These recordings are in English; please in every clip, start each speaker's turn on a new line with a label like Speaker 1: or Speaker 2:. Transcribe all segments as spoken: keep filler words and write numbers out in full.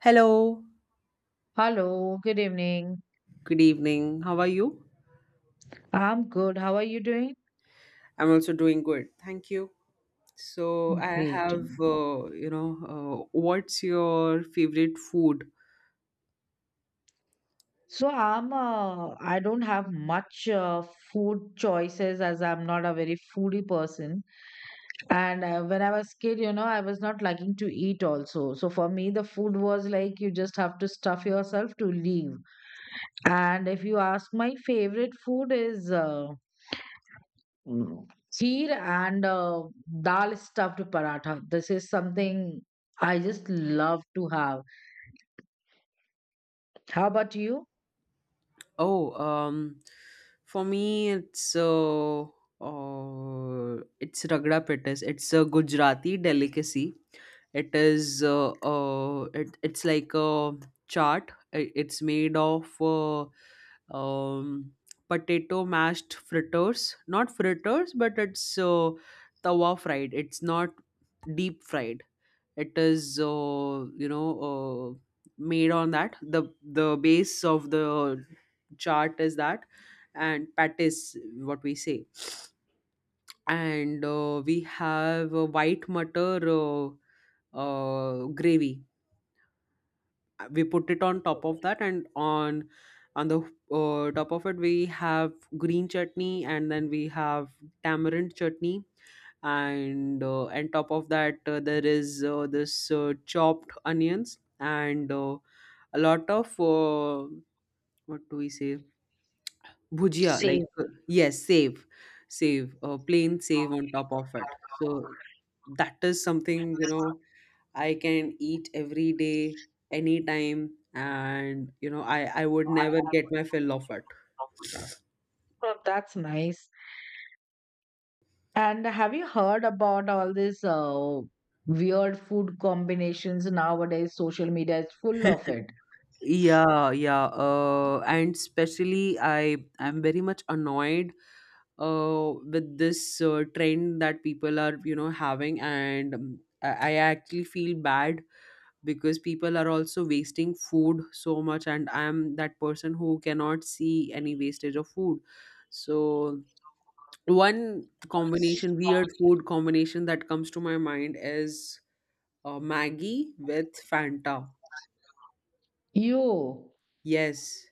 Speaker 1: Hello,
Speaker 2: Hello, good evening.
Speaker 1: good evening. How are you?
Speaker 2: I'm good. How are you doing?
Speaker 1: I'm also doing good. Thank you. So, I
Speaker 2: Great.
Speaker 1: have, uh, you know, uh, What's your favorite food?
Speaker 2: So I'm uh, I don't have much uh, food choices as I'm not a very foodie person. And uh, when I was kid, you know, I was not liking to eat also. So for me, the food was like you just have to stuff yourself to leave. And if you ask, my favorite food is uh, mm, kheer and uh, dal stuffed paratha. This is something I just love to have. How about you?
Speaker 1: Oh, um, for me, it's uh, uh, it's ragda pittas. It's a Gujarati delicacy. It is uh, uh, it, it's like a chaat. I- It's made of uh, um, potato mashed fritters. Not fritters, but it's uh, tawa fried. It's not deep fried. It is, uh, you know, uh, made on that. The the base of the chart is that, and patties, what we say. And uh, we have a white mutter uh, uh, gravy we put it on top of that and on on the uh, top of it we have green chutney, and then we have tamarind chutney, and uh, and top of that uh, there is uh, this uh, chopped onions, and uh, a lot of uh, what do we say, bhujia, like
Speaker 2: Same.
Speaker 1: uh, yes save, save uh, plain save on top of it. So that is something, you know, I can eat every day, anytime, and you know, I I would never get my fill of it.
Speaker 2: Oh, that's nice. And have you heard about all these uh, weird food combinations nowadays? Social media is full of it.
Speaker 1: Yeah, yeah. Uh, and especially, I I'm very much annoyed uh, with this uh, trend that people are you know having, and um, I, I actually feel bad because people are also wasting food so much, and I'm that person who cannot see any wastage of food. So one combination, weird food combination that comes to my mind is uh, maggie with fanta.
Speaker 2: You
Speaker 1: Yes.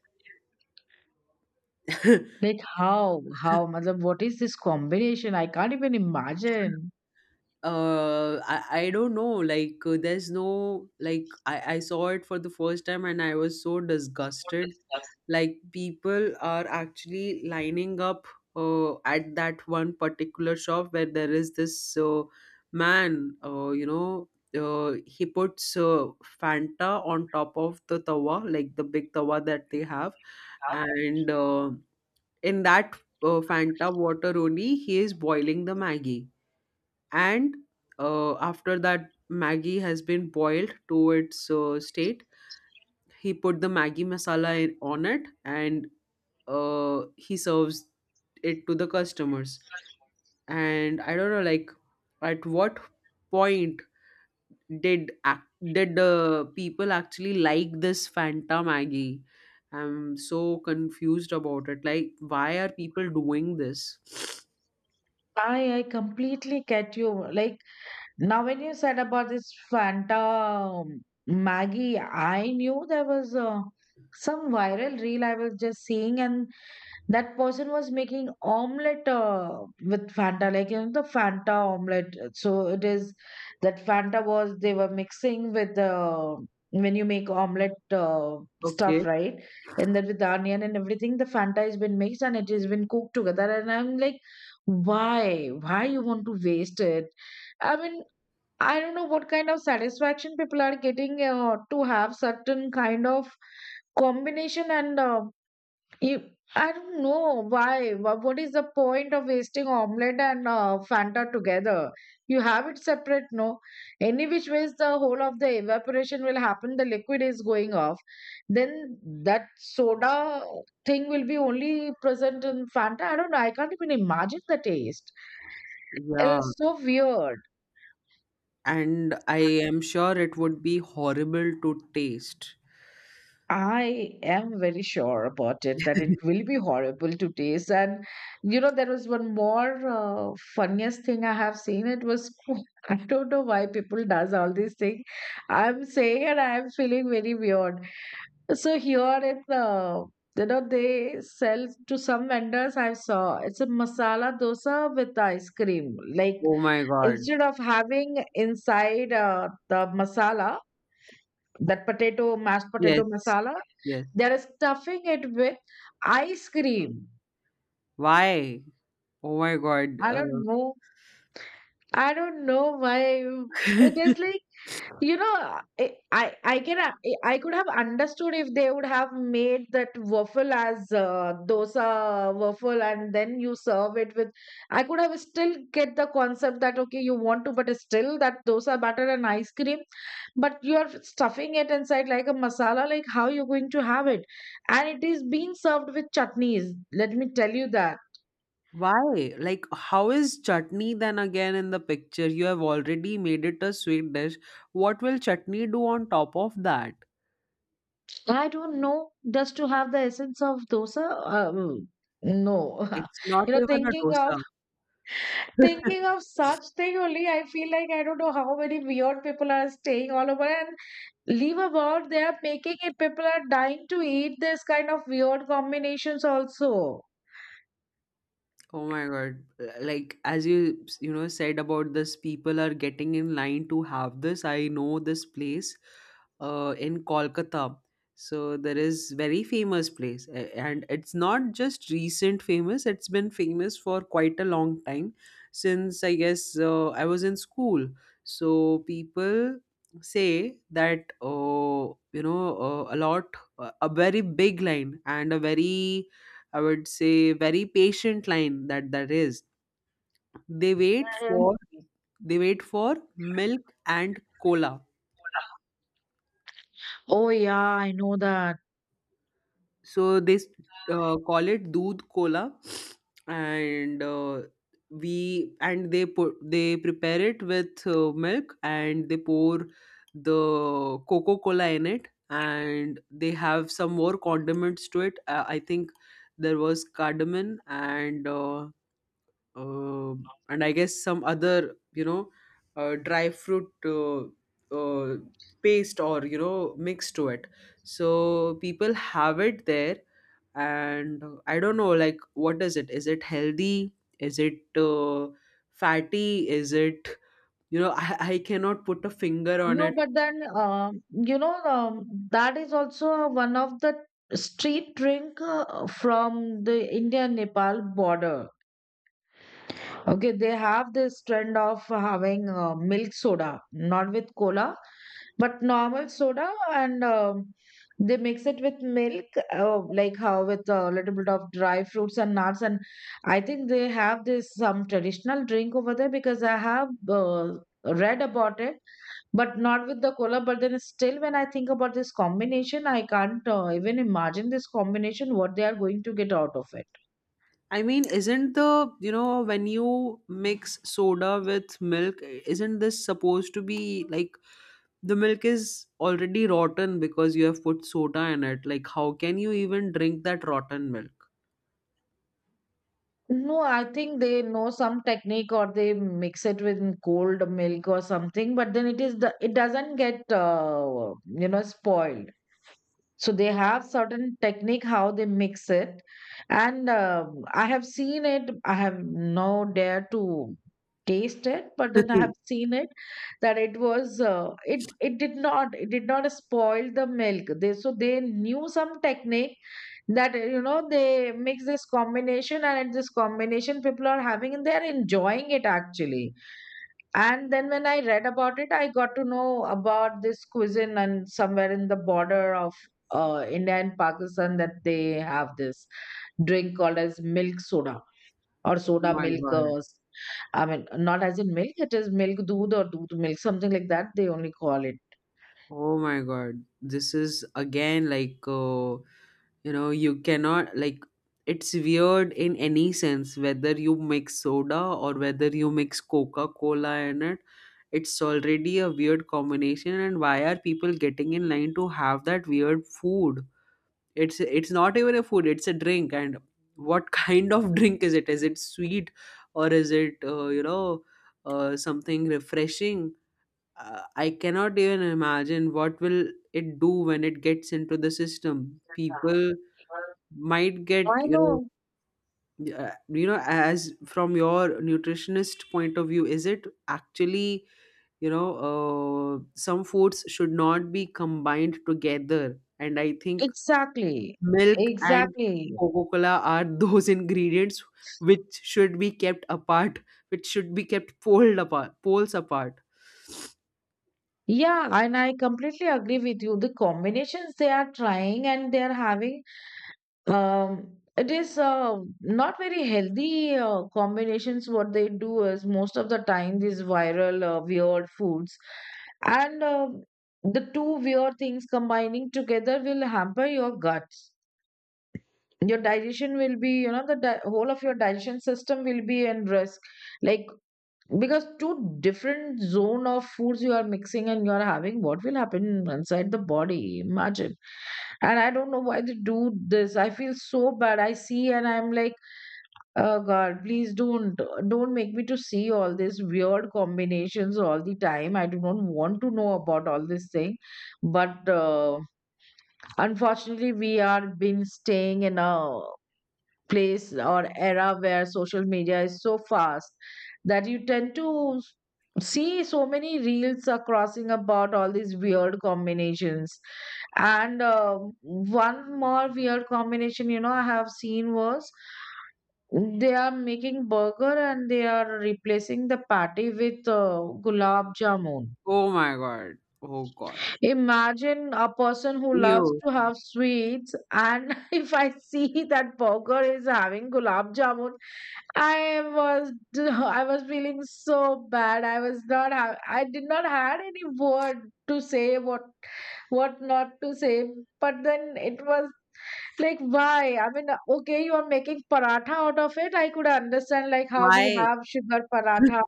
Speaker 2: like how how matlab, what is this combination? I can't even imagine.
Speaker 1: uh I, I don't know, like uh, there's no, like I, I saw it for the first time and I was so disgusted. Like, people are actually lining up uh, at that one particular shop where there is this uh, man, uh, you know uh, he puts uh, fanta on top of the tawa, like the big tawa that they have, and uh, in that uh, fanta water only he is boiling the maggie, and uh, after that maggie has been boiled to its uh, state, he put the maggie masala in, on it, and uh, he serves it to the customers. And I don't know, like, at what point did ac- did the people actually like this fanta maggie? I'm so confused about it. Like, why are people doing this?
Speaker 2: I I completely get you. Like now, when you said about this Fanta um, Maggie, I knew there was uh, some viral reel I was just seeing, and that person was making omelette uh, with Fanta, like you know the Fanta omelette. So it is that Fanta was they were mixing with uh, when you make omelette uh, stuff,
Speaker 1: Okay.
Speaker 2: right? And then with the onion and everything, the Fanta has been mixed and it has been cooked together. And I'm like, why? Why you want to waste it? I mean, I don't know what kind of satisfaction people are getting uh, to have certain kind of combination and uh, you, I don't know why. Wha- What is the point of wasting omelette and uh, Fanta together? You have it separate, no? Any which ways, the whole of the evaporation will happen. The liquid is going off. Then that soda thing will be only present in Fanta. I don't know. I can't even imagine the taste. It
Speaker 1: Yeah,
Speaker 2: is so weird.
Speaker 1: and I am sure it would be horrible to taste.
Speaker 2: I am very sure about it that it will be horrible to taste. And you know, there was one more uh, funniest thing I have seen. It was I don't know why people does all these things. I'm saying and I'm feeling very weird. So here it's uh, you know they sell to some vendors. I saw it's a masala dosa with ice cream. Like
Speaker 1: Oh my god.
Speaker 2: instead of having inside uh, the masala, that potato mashed potato
Speaker 1: Yes.
Speaker 2: masala
Speaker 1: Yes.
Speaker 2: they're stuffing it with ice cream.
Speaker 1: Why? Oh my god.
Speaker 2: I don't
Speaker 1: uh,
Speaker 2: know. I don't know why. It is like, you know, I I I can uh, I could have understood if they would have made that waffle as uh, dosa waffle, and then you serve it with. I could have still get the concept that okay, you want to, but still that dosa batter and ice cream, but you are stuffing it inside like a masala. Like how you're going to have it, and it is being served with chutneys. Let me tell you that.
Speaker 1: Why? Like, how is chutney then again in the picture? You have already made it a sweet dish. What will chutney do on top of that?
Speaker 2: I don't know. Does to have the essence of dosa? Um, no.
Speaker 1: It's not
Speaker 2: You know,
Speaker 1: even a
Speaker 2: thinking of
Speaker 1: dosa.
Speaker 2: thinking of such thing only, I feel like I don't know how many weird people are staying all over and leave about. They are making it. People are dying to eat this kind of weird combinations also.
Speaker 1: Oh my God. Like, as you, you know, said about this, people are getting in line to have this. I know this place uh, in Kolkata. So there is very famous place a- and it's not just recent famous. It's been famous for quite a long time since, I guess, uh, I was in school. So people say that, uh, you know, uh, a lot, a very big line, and a very, I would say, very patient line that that is. They wait
Speaker 2: Mhm.
Speaker 1: for they wait for milk and cola.
Speaker 2: Oh yeah, I know that.
Speaker 1: So they s- uh, call it doodh cola, and uh, we and they put, they prepare it with uh, milk, and they pour the Coca Cola in it, and they have some more condiments to it. Uh, I think there was cardamom and. Uh, uh, and I guess some other, you know, uh, dry fruit uh, uh, paste or, you know, mix to it. So people have it there, and uh, I don't know, like, what is it? Is it healthy? Is it uh, fatty? Is it, you know, I, I cannot put a finger on
Speaker 2: No,
Speaker 1: it.
Speaker 2: but then um, you know um, that is also one of the street drink uh, from the India Nepal border. Okay, they have this trend of having uh, milk soda, not with cola, but normal soda, and um, they mix it with milk, uh, like how with a little bit of dry fruits and nuts. And I think they have this some traditional drink over there because I have uh, read about it, but not with the cola. But then still, when I think about this combination, I can't uh, even imagine this combination what they are going to get out of it.
Speaker 1: I mean, isn't the, you know, when you mix soda with milk, isn't this supposed to be like the milk is already rotten because you have put soda in it. Like, how can you even drink that rotten milk?
Speaker 2: No, I think they know some technique or they mix it with cold milk or something, but then it is the it doesn't get uh, you know spoiled. So they have certain technique how they mix it, and uh, I have seen it. I have no dare to taste it, but then I
Speaker 1: Oh
Speaker 2: have seen it that it was uh, it it did not it did not spoil the milk. They so they knew some technique that uh, you know they mix this combination and this combination people are having and they're enjoying it actually. And then when I read about it I got to know about this cuisine and somewhere in the border of uh, India and Pakistan that they have this drink called as milk soda or soda
Speaker 1: my god.
Speaker 2: milkers. I mean not as in milk, it is milk doodh or doodh milk something like that they only call it.
Speaker 1: Oh my god. This is again like, uh, you know, you cannot, like, it's weird in any sense whether you mix soda or whether you mix Coca Cola in it. It's already a weird combination, and why are people getting in line to have that weird food? it's it's not even a food, it's a drink. And what kind of drink is it? Is it sweet, or is it, uh, you know, uh, something refreshing? uh, I cannot even imagine what will it do when it gets into the system. People might get,
Speaker 2: I
Speaker 1: you know,
Speaker 2: know.
Speaker 1: uh, you know, as from your nutritionist point of view, is it actually, you know, uh, some foods should not be combined together, and I think
Speaker 2: Exactly.
Speaker 1: Milk and
Speaker 2: Exactly.
Speaker 1: Coca-Cola are those ingredients which should be kept apart, which should be kept pulled apart, poles apart.
Speaker 2: Yeah, and I completely agree with you. The combinations they are trying and they are having, um, it is uh, not very healthy uh, combinations. What they do is most of the time these viral uh, weird foods, and uh, the two weird things combining together will hamper your guts. Your digestion will be, you know, the di- whole of your digestion system will be in risk. Like because two different zone of foods you are mixing and you are having what will happen inside the body, imagine. And I don't know why they do this, I feel so bad I see and I'm like, oh god please don't don't make me to see all these weird combinations all the time. I do not want to know about all this thing, but uh, unfortunately we are been staying in a place or era where social media is so fast that you tend to see so many reels are crossing about all these weird combinations. And um one more weird combination, you know, I have seen was they are making burger and they are replacing the patty with uh, gulab jamun.
Speaker 1: Oh my god. Oh god.
Speaker 2: Imagine a person who loves
Speaker 1: You.
Speaker 2: to have sweets and if I see that burger is having gulab jamun. I was I was feeling so bad. I was not ha- I did not had any word to say what what not to say. But then it was like why? I mean, okay, you are making paratha out of it. I could understand like how we
Speaker 1: Why?
Speaker 2: have sugar paratha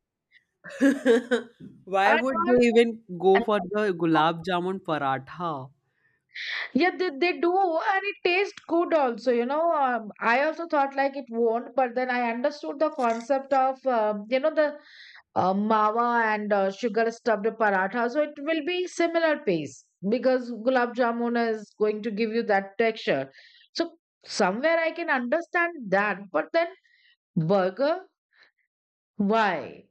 Speaker 1: Why
Speaker 2: and
Speaker 1: would
Speaker 2: all.
Speaker 1: they even go for the gulab jamun paratha?
Speaker 2: Yeah, they, they do, and it tastes good also, you know. Um, I also thought like it won't, but then I understood the concept of, um, you know, the uh, mawa and uh, sugar stuffed paratha. So it will be similar pace because gulab jamun is going to give you that texture. So somewhere I can understand that, but then burger, why?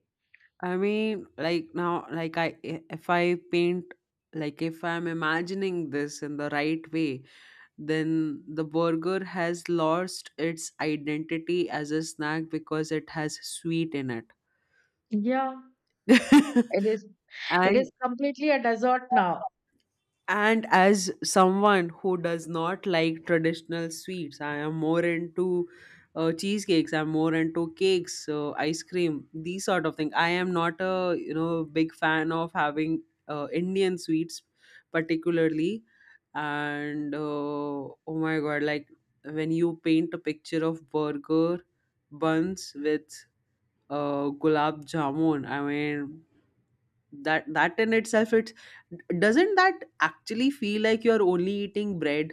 Speaker 1: I mean, like now, like I, i- if I paint, like if I'm imagining this in the right way, then the burger has lost its identity as a snack because it has sweet in it.
Speaker 2: Yeah, it is. It
Speaker 1: and
Speaker 2: is completely a dessert now.
Speaker 1: and as someone who does not like traditional sweets, I am more into uh, cheesecakes. I'm more into cakes, uh, ice cream, these sort of things. I am not a, you know, big fan of having uh, Indian sweets, particularly. And uh, oh my god, like when you paint a picture of burger buns with uh, gulab jamun, I mean, that that in itself, it's, doesn't that actually feel like you're only eating bread?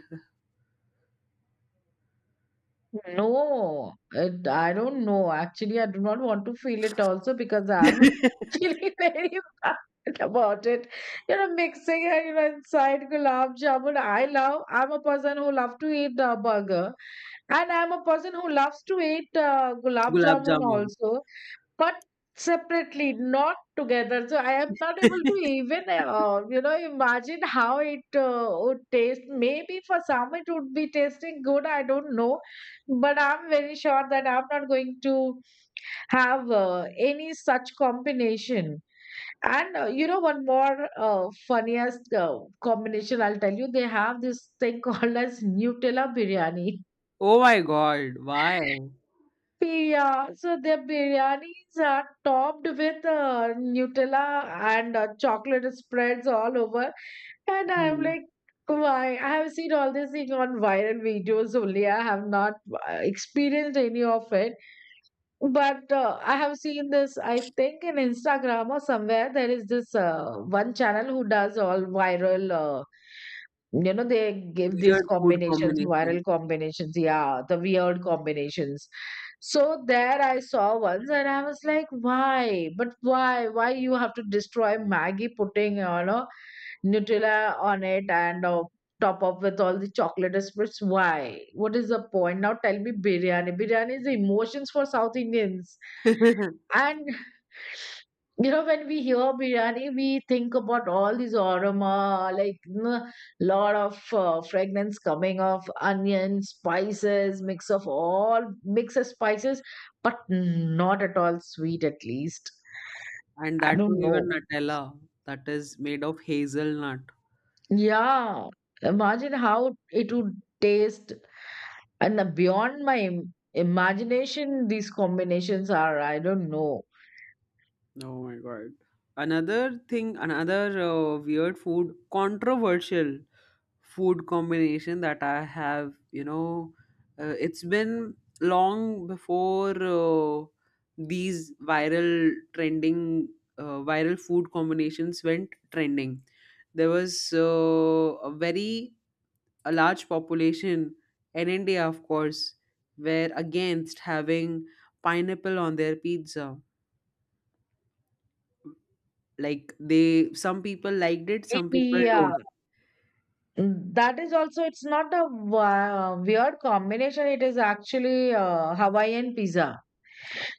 Speaker 2: No, it, I don't know. Actually, I do not want to feel it also because I'm feeling very bad about it. You know, mixing and you know, inside gulab jamun. I love. I'm a person who love to eat uh, burger, and I'm a person who loves to eat uh, gulab
Speaker 1: Gulab
Speaker 2: jamun
Speaker 1: jamun.
Speaker 2: also, but separately not together. So I am not able to even uh, you know imagine how it uh, would taste. Maybe for some it would be tasting good, I don't know. But I'm very sure that I'm not going to have uh, any such combination. And uh, you know, one more uh, funniest uh, combination I'll tell you, they have this thing called as Nutella biryani.
Speaker 1: Oh my god, why?
Speaker 2: Yeah, so their biryanis are topped with uh, Nutella and uh, chocolate spreads all over. And I'm
Speaker 1: Hmm.
Speaker 2: like, why? I have seen all this thing on viral videos only. I have not uh, experienced any of it. But uh, I have seen this, I think in Instagram or somewhere, there is this uh, one channel who does all viral, uh, you know, they give these
Speaker 1: Weird food
Speaker 2: combinations,
Speaker 1: combinations.
Speaker 2: viral combinations, yeah, the weird combinations. So there I saw once and I was like, why? But why? Why you have to destroy Maggie pudding, you know? Nutella on it and uh, top up with all the chocolate spreads. Why? What is the point? Now tell me biryani. Biryani is the emotions for South Indians.
Speaker 1: And
Speaker 2: And you know, when we hear biryani, we think about all these aroma, like a lot of uh, fragrance coming of onion, spices, mix of all mix of spices, but not at all sweet at least. I
Speaker 1: that too
Speaker 2: don't
Speaker 1: even
Speaker 2: know.
Speaker 1: nutella that is made of hazelnut.
Speaker 2: Yeah, imagine how it would taste. And uh, beyond my im- imagination, these combinations are, I don't know.
Speaker 1: Oh my god. Another thing, another uh, weird food, controversial food combination that I have, you know, uh, it's been long before uh, these viral trending, uh, viral food combinations went trending. There was uh, a very, a large population in India, of course, were against having pineapple on their pizza. Like, they, some people liked it, some people don't.
Speaker 2: Yeah, mm, that is also, it's not a wa- weird combination. It is actually uh, Hawaiian pizza.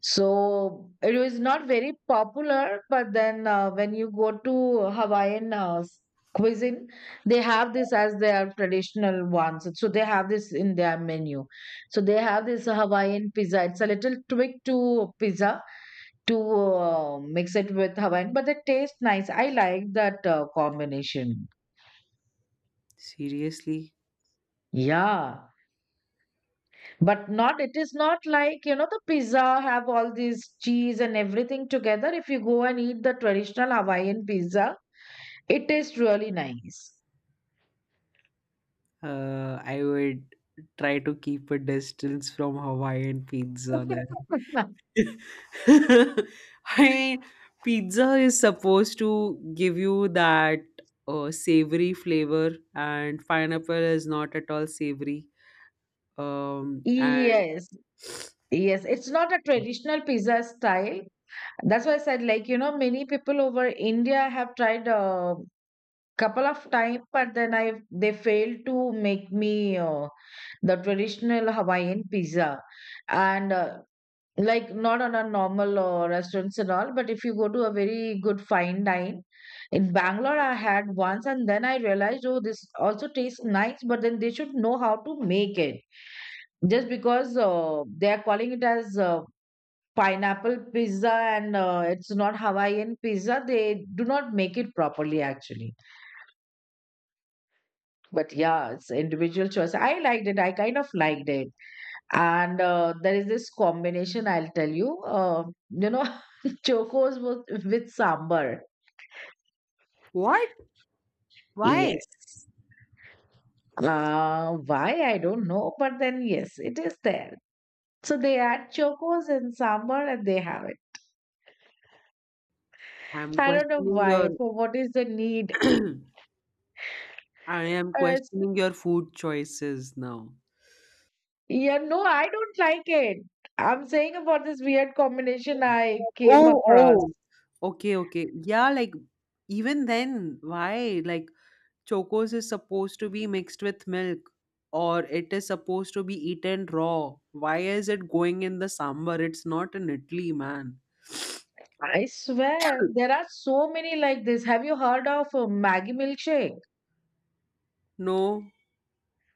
Speaker 2: So it was not very popular, but then uh, when you go to Hawaiian uh, s- cuisine, they have this as their traditional ones. So they have this in their menu. So they have this Hawaiian pizza. It's a little tweak to pizza to uh, mix it with Hawaiian, but the taste nice. I like that uh, combination.
Speaker 1: Seriously,
Speaker 2: Yeah. But not, it is not like, you know, the pizza have all these cheese and everything together. If you go and eat the traditional Hawaiian pizza, it tastes really nice.
Speaker 1: uh, I would try to keep a distance from Hawaiian pizza then. I mean, pizza is supposed to give you that uh, savory flavor, and pineapple is not at all savory. Um, and
Speaker 2: Yes, yes. It's not a traditional pizza style. That's why I said, like, you know, many people over India have tried a couple of times, but then I they failed to make me uh, the traditional Hawaiian pizza. And uh, Like not on a normal uh, restaurants and all, but if you go to a very good fine dine in Bangalore, I had once, and then I realized, oh, this also tastes nice, but then they should know how to make it just because uh, they are calling it as uh, pineapple pizza, and uh, it's not Hawaiian pizza. They do not make it properly actually. But yeah, it's individual choice. I liked it. I kind of liked it. And uh, there is this combination, I'll tell you. Uh, you know Chocos with, with sambar.
Speaker 1: what? Why?
Speaker 2: Yes. Uh, why I don't know, but then yes, it is there. So they add chocos and sambar and they have it.
Speaker 1: I'm
Speaker 2: I don't know
Speaker 1: questioning your.
Speaker 2: why, for what is the need.
Speaker 1: I am
Speaker 2: Uh, it's-
Speaker 1: questioning your food choices now.
Speaker 2: yeah, no, I don't like it. I'm saying about this weird combination I came
Speaker 1: Oh,
Speaker 2: across.
Speaker 1: oh. Okay, okay. Yeah, like, even then, why? Like, chocos is supposed to be mixed with milk, or it is supposed to be eaten raw. Why is it going in the sambar? It's not in Italy, man.
Speaker 2: I swear there are so many like this. Have you heard of uh, Maggie milkshake?
Speaker 1: No,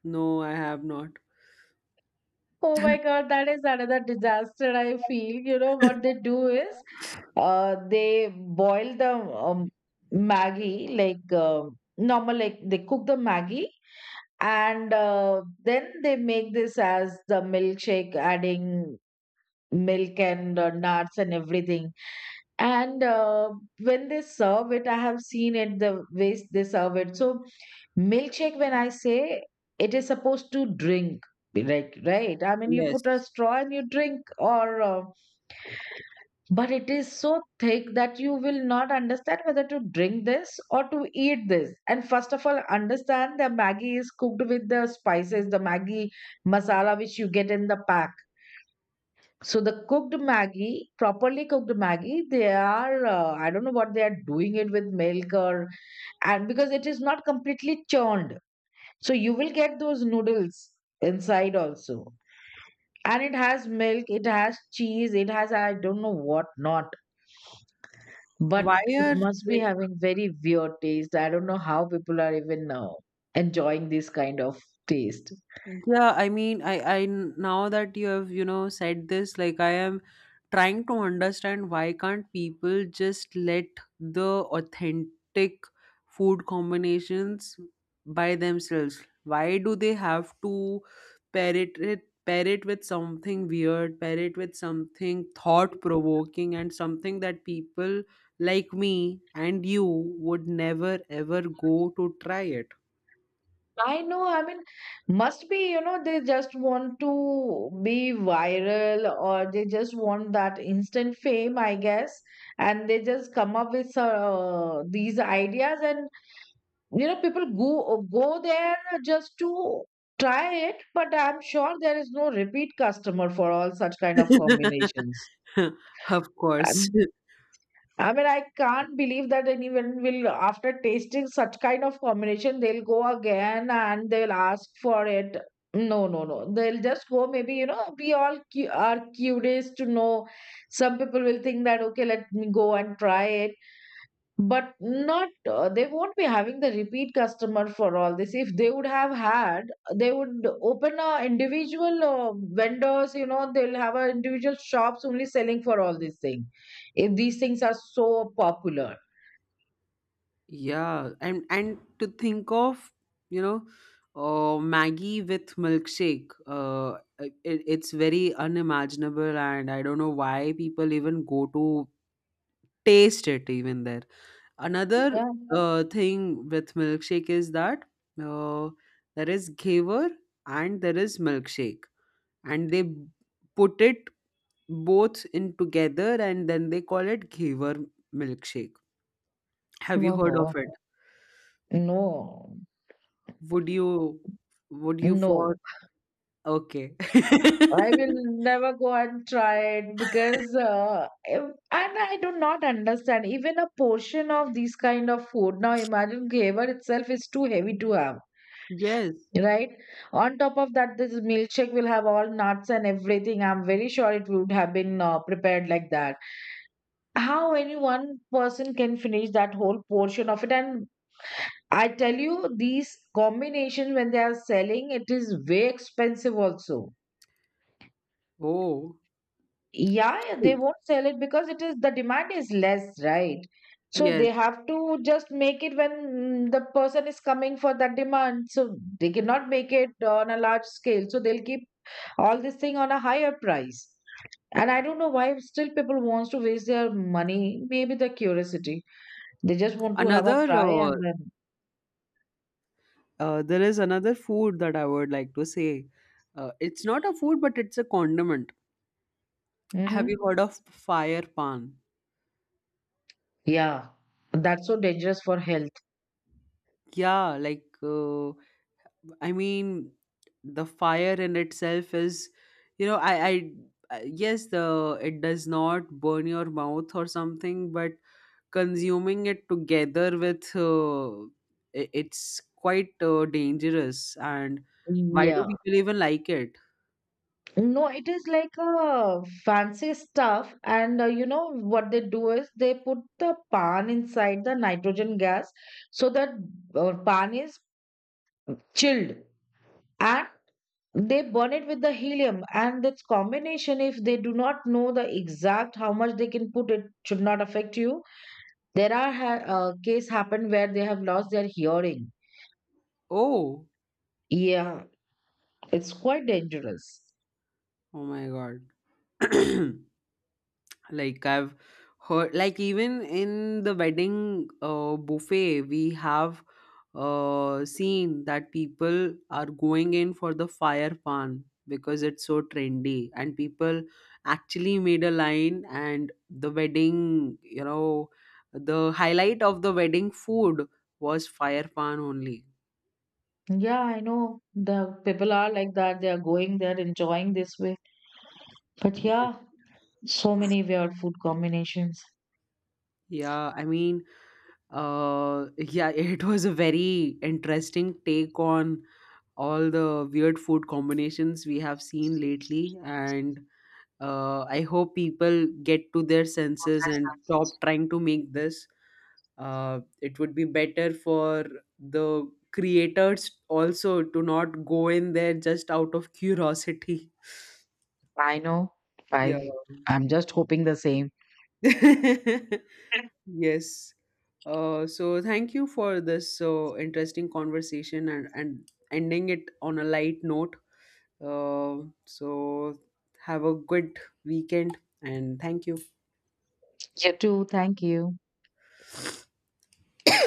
Speaker 1: no, I have not.
Speaker 2: Oh my God, that is another disaster. I feel, you know, what they do is uh, they boil the um, Maggi, like uh, normal, like they cook the Maggi, and uh, then they make this as the milkshake, adding milk and uh, nuts and everything. And uh, when they serve it, I have seen it, the ways they serve it. So milkshake, when I say, it is supposed to drink, like, right? I mean, you put a
Speaker 1: Yes.
Speaker 2: straw and you drink, or uh, but it is so thick that you will not understand whether to drink this or to eat this. And first of all, understand the Maggi is cooked with the spices, the Maggi masala which you get in the pack. So the cooked Maggi, properly cooked Maggi, they are uh, I don't know what they are doing it with milk or, and because it is not completely churned. So you will get those noodles inside also. And it has milk, it has cheese, it has I don't know what not. But
Speaker 1: Why
Speaker 2: it
Speaker 1: are
Speaker 2: must be
Speaker 1: like,
Speaker 2: having very weird taste. I don't know how people are even uh, enjoying this kind of taste.
Speaker 1: yeah, I mean, I I now that you have, you know, said this, like, I am trying to understand why can't people just let the authentic food combinations by themselves? Why do they have to pair it, it pair it with something weird, pair it with something thought provoking and something that people like me and you would never ever go to try it?
Speaker 2: I know, I mean, must be, you know, they just want to be viral or they just want that instant fame, I guess. And they just come up with uh, these ideas, and you know, people go go there just to try it. But I'm sure there is no repeat customer for all such kind of combinations.
Speaker 1: Of course.
Speaker 2: I mean, I can't believe that anyone will, after tasting such kind of combination, they'll go again and they'll ask for it. No, no, no. They'll just go. Maybe, you know, we all cu- are curious to know. Some people will think that, okay, let me go and try it, but not uh, they won't be having the repeat customer for all this. If they would have had, they would open a individual uh, vendors, you know, they'll have a individual shops only selling for all these things if these things are so popular.
Speaker 1: Yeah, and and to think of, you know, uh, Maggie with milkshake, uh, it, it's very unimaginable, and I don't know why people even go to taste it even there. Another
Speaker 2: Yeah,
Speaker 1: uh, thing with milkshake is that uh, there is ghaver and there is milkshake, and they b- put it both in together, and then they call it ghaver milkshake. Have you heard of
Speaker 2: no
Speaker 1: it?
Speaker 2: no
Speaker 1: Would you would you for
Speaker 2: no
Speaker 1: okay.
Speaker 2: I will never go and try it because uh, if- and I do not understand even a portion of these kind of food. Now imagine flavor itself is too heavy to have,
Speaker 1: Yes.
Speaker 2: right? On top of that, this milkshake will have all nuts and everything. I'm very sure it would have been uh, prepared like that. How any one person can finish that whole portion of it? And I tell you, these combinations, when they are selling, it is way expensive also.
Speaker 1: Oh.
Speaker 2: Yeah, yeah, they won't sell it because it is, the demand is less, right? So they
Speaker 1: Yes.
Speaker 2: have to just make it when, mm, the person is coming for that demand. So they cannot make it on a large scale. So they'll keep all this thing on a higher price. And I don't know why still people wants to waste their money. Maybe the curiosity. They just want to have a
Speaker 1: Another
Speaker 2: try
Speaker 1: uh,
Speaker 2: and then.
Speaker 1: uh, there is another food that I would like to say. Uh, it's not a food, but it's a condiment. Have you
Speaker 2: Hmm.
Speaker 1: heard of fire pan?
Speaker 2: Yeah, that's so dangerous for health.
Speaker 1: Yeah, like uh, I mean, the fire in itself is, you know, I, I, I- yes, the it does not burn your mouth or something, but consuming it together with, uh, i- it's quite uh, dangerous. And why do
Speaker 2: Yeah.
Speaker 1: people even like it?
Speaker 2: No, it is like a fancy stuff, and uh, you know what they do is they put the pan inside the nitrogen gas so that uh, pan is chilled, and they burn it with the helium. And this combination, if they do not know the exact how much they can put, it should not affect you. There are ha- uh, case happened where they have lost their hearing.
Speaker 1: Oh,
Speaker 2: Yeah, it's quite dangerous.
Speaker 1: oh my God. Like, I've heard, like, even in the wedding uh, buffet, we have uh, seen that people are going in for the fire pan because it's so trendy, and people actually made a line, and the wedding, you know, the highlight of the wedding food was fire pan only.
Speaker 2: Yeah, I know. The People are like that. They are going there enjoying this way. But yeah, so many weird food combinations.
Speaker 1: Yeah, I mean, uh, yeah, it was a very interesting take on all the weird food combinations we have seen lately. And uh, I hope people get to their senses and stop trying to make this. Uh, it would be better for the creators also to not go in there just out of curiosity.
Speaker 2: I know.
Speaker 1: Yeah.
Speaker 2: i I'm just hoping the same.
Speaker 1: Yes. Uh, so thank you for this so interesting conversation, and, and ending it on a light note. Uh, so have a good weekend, and thank you.
Speaker 2: You too, thank you.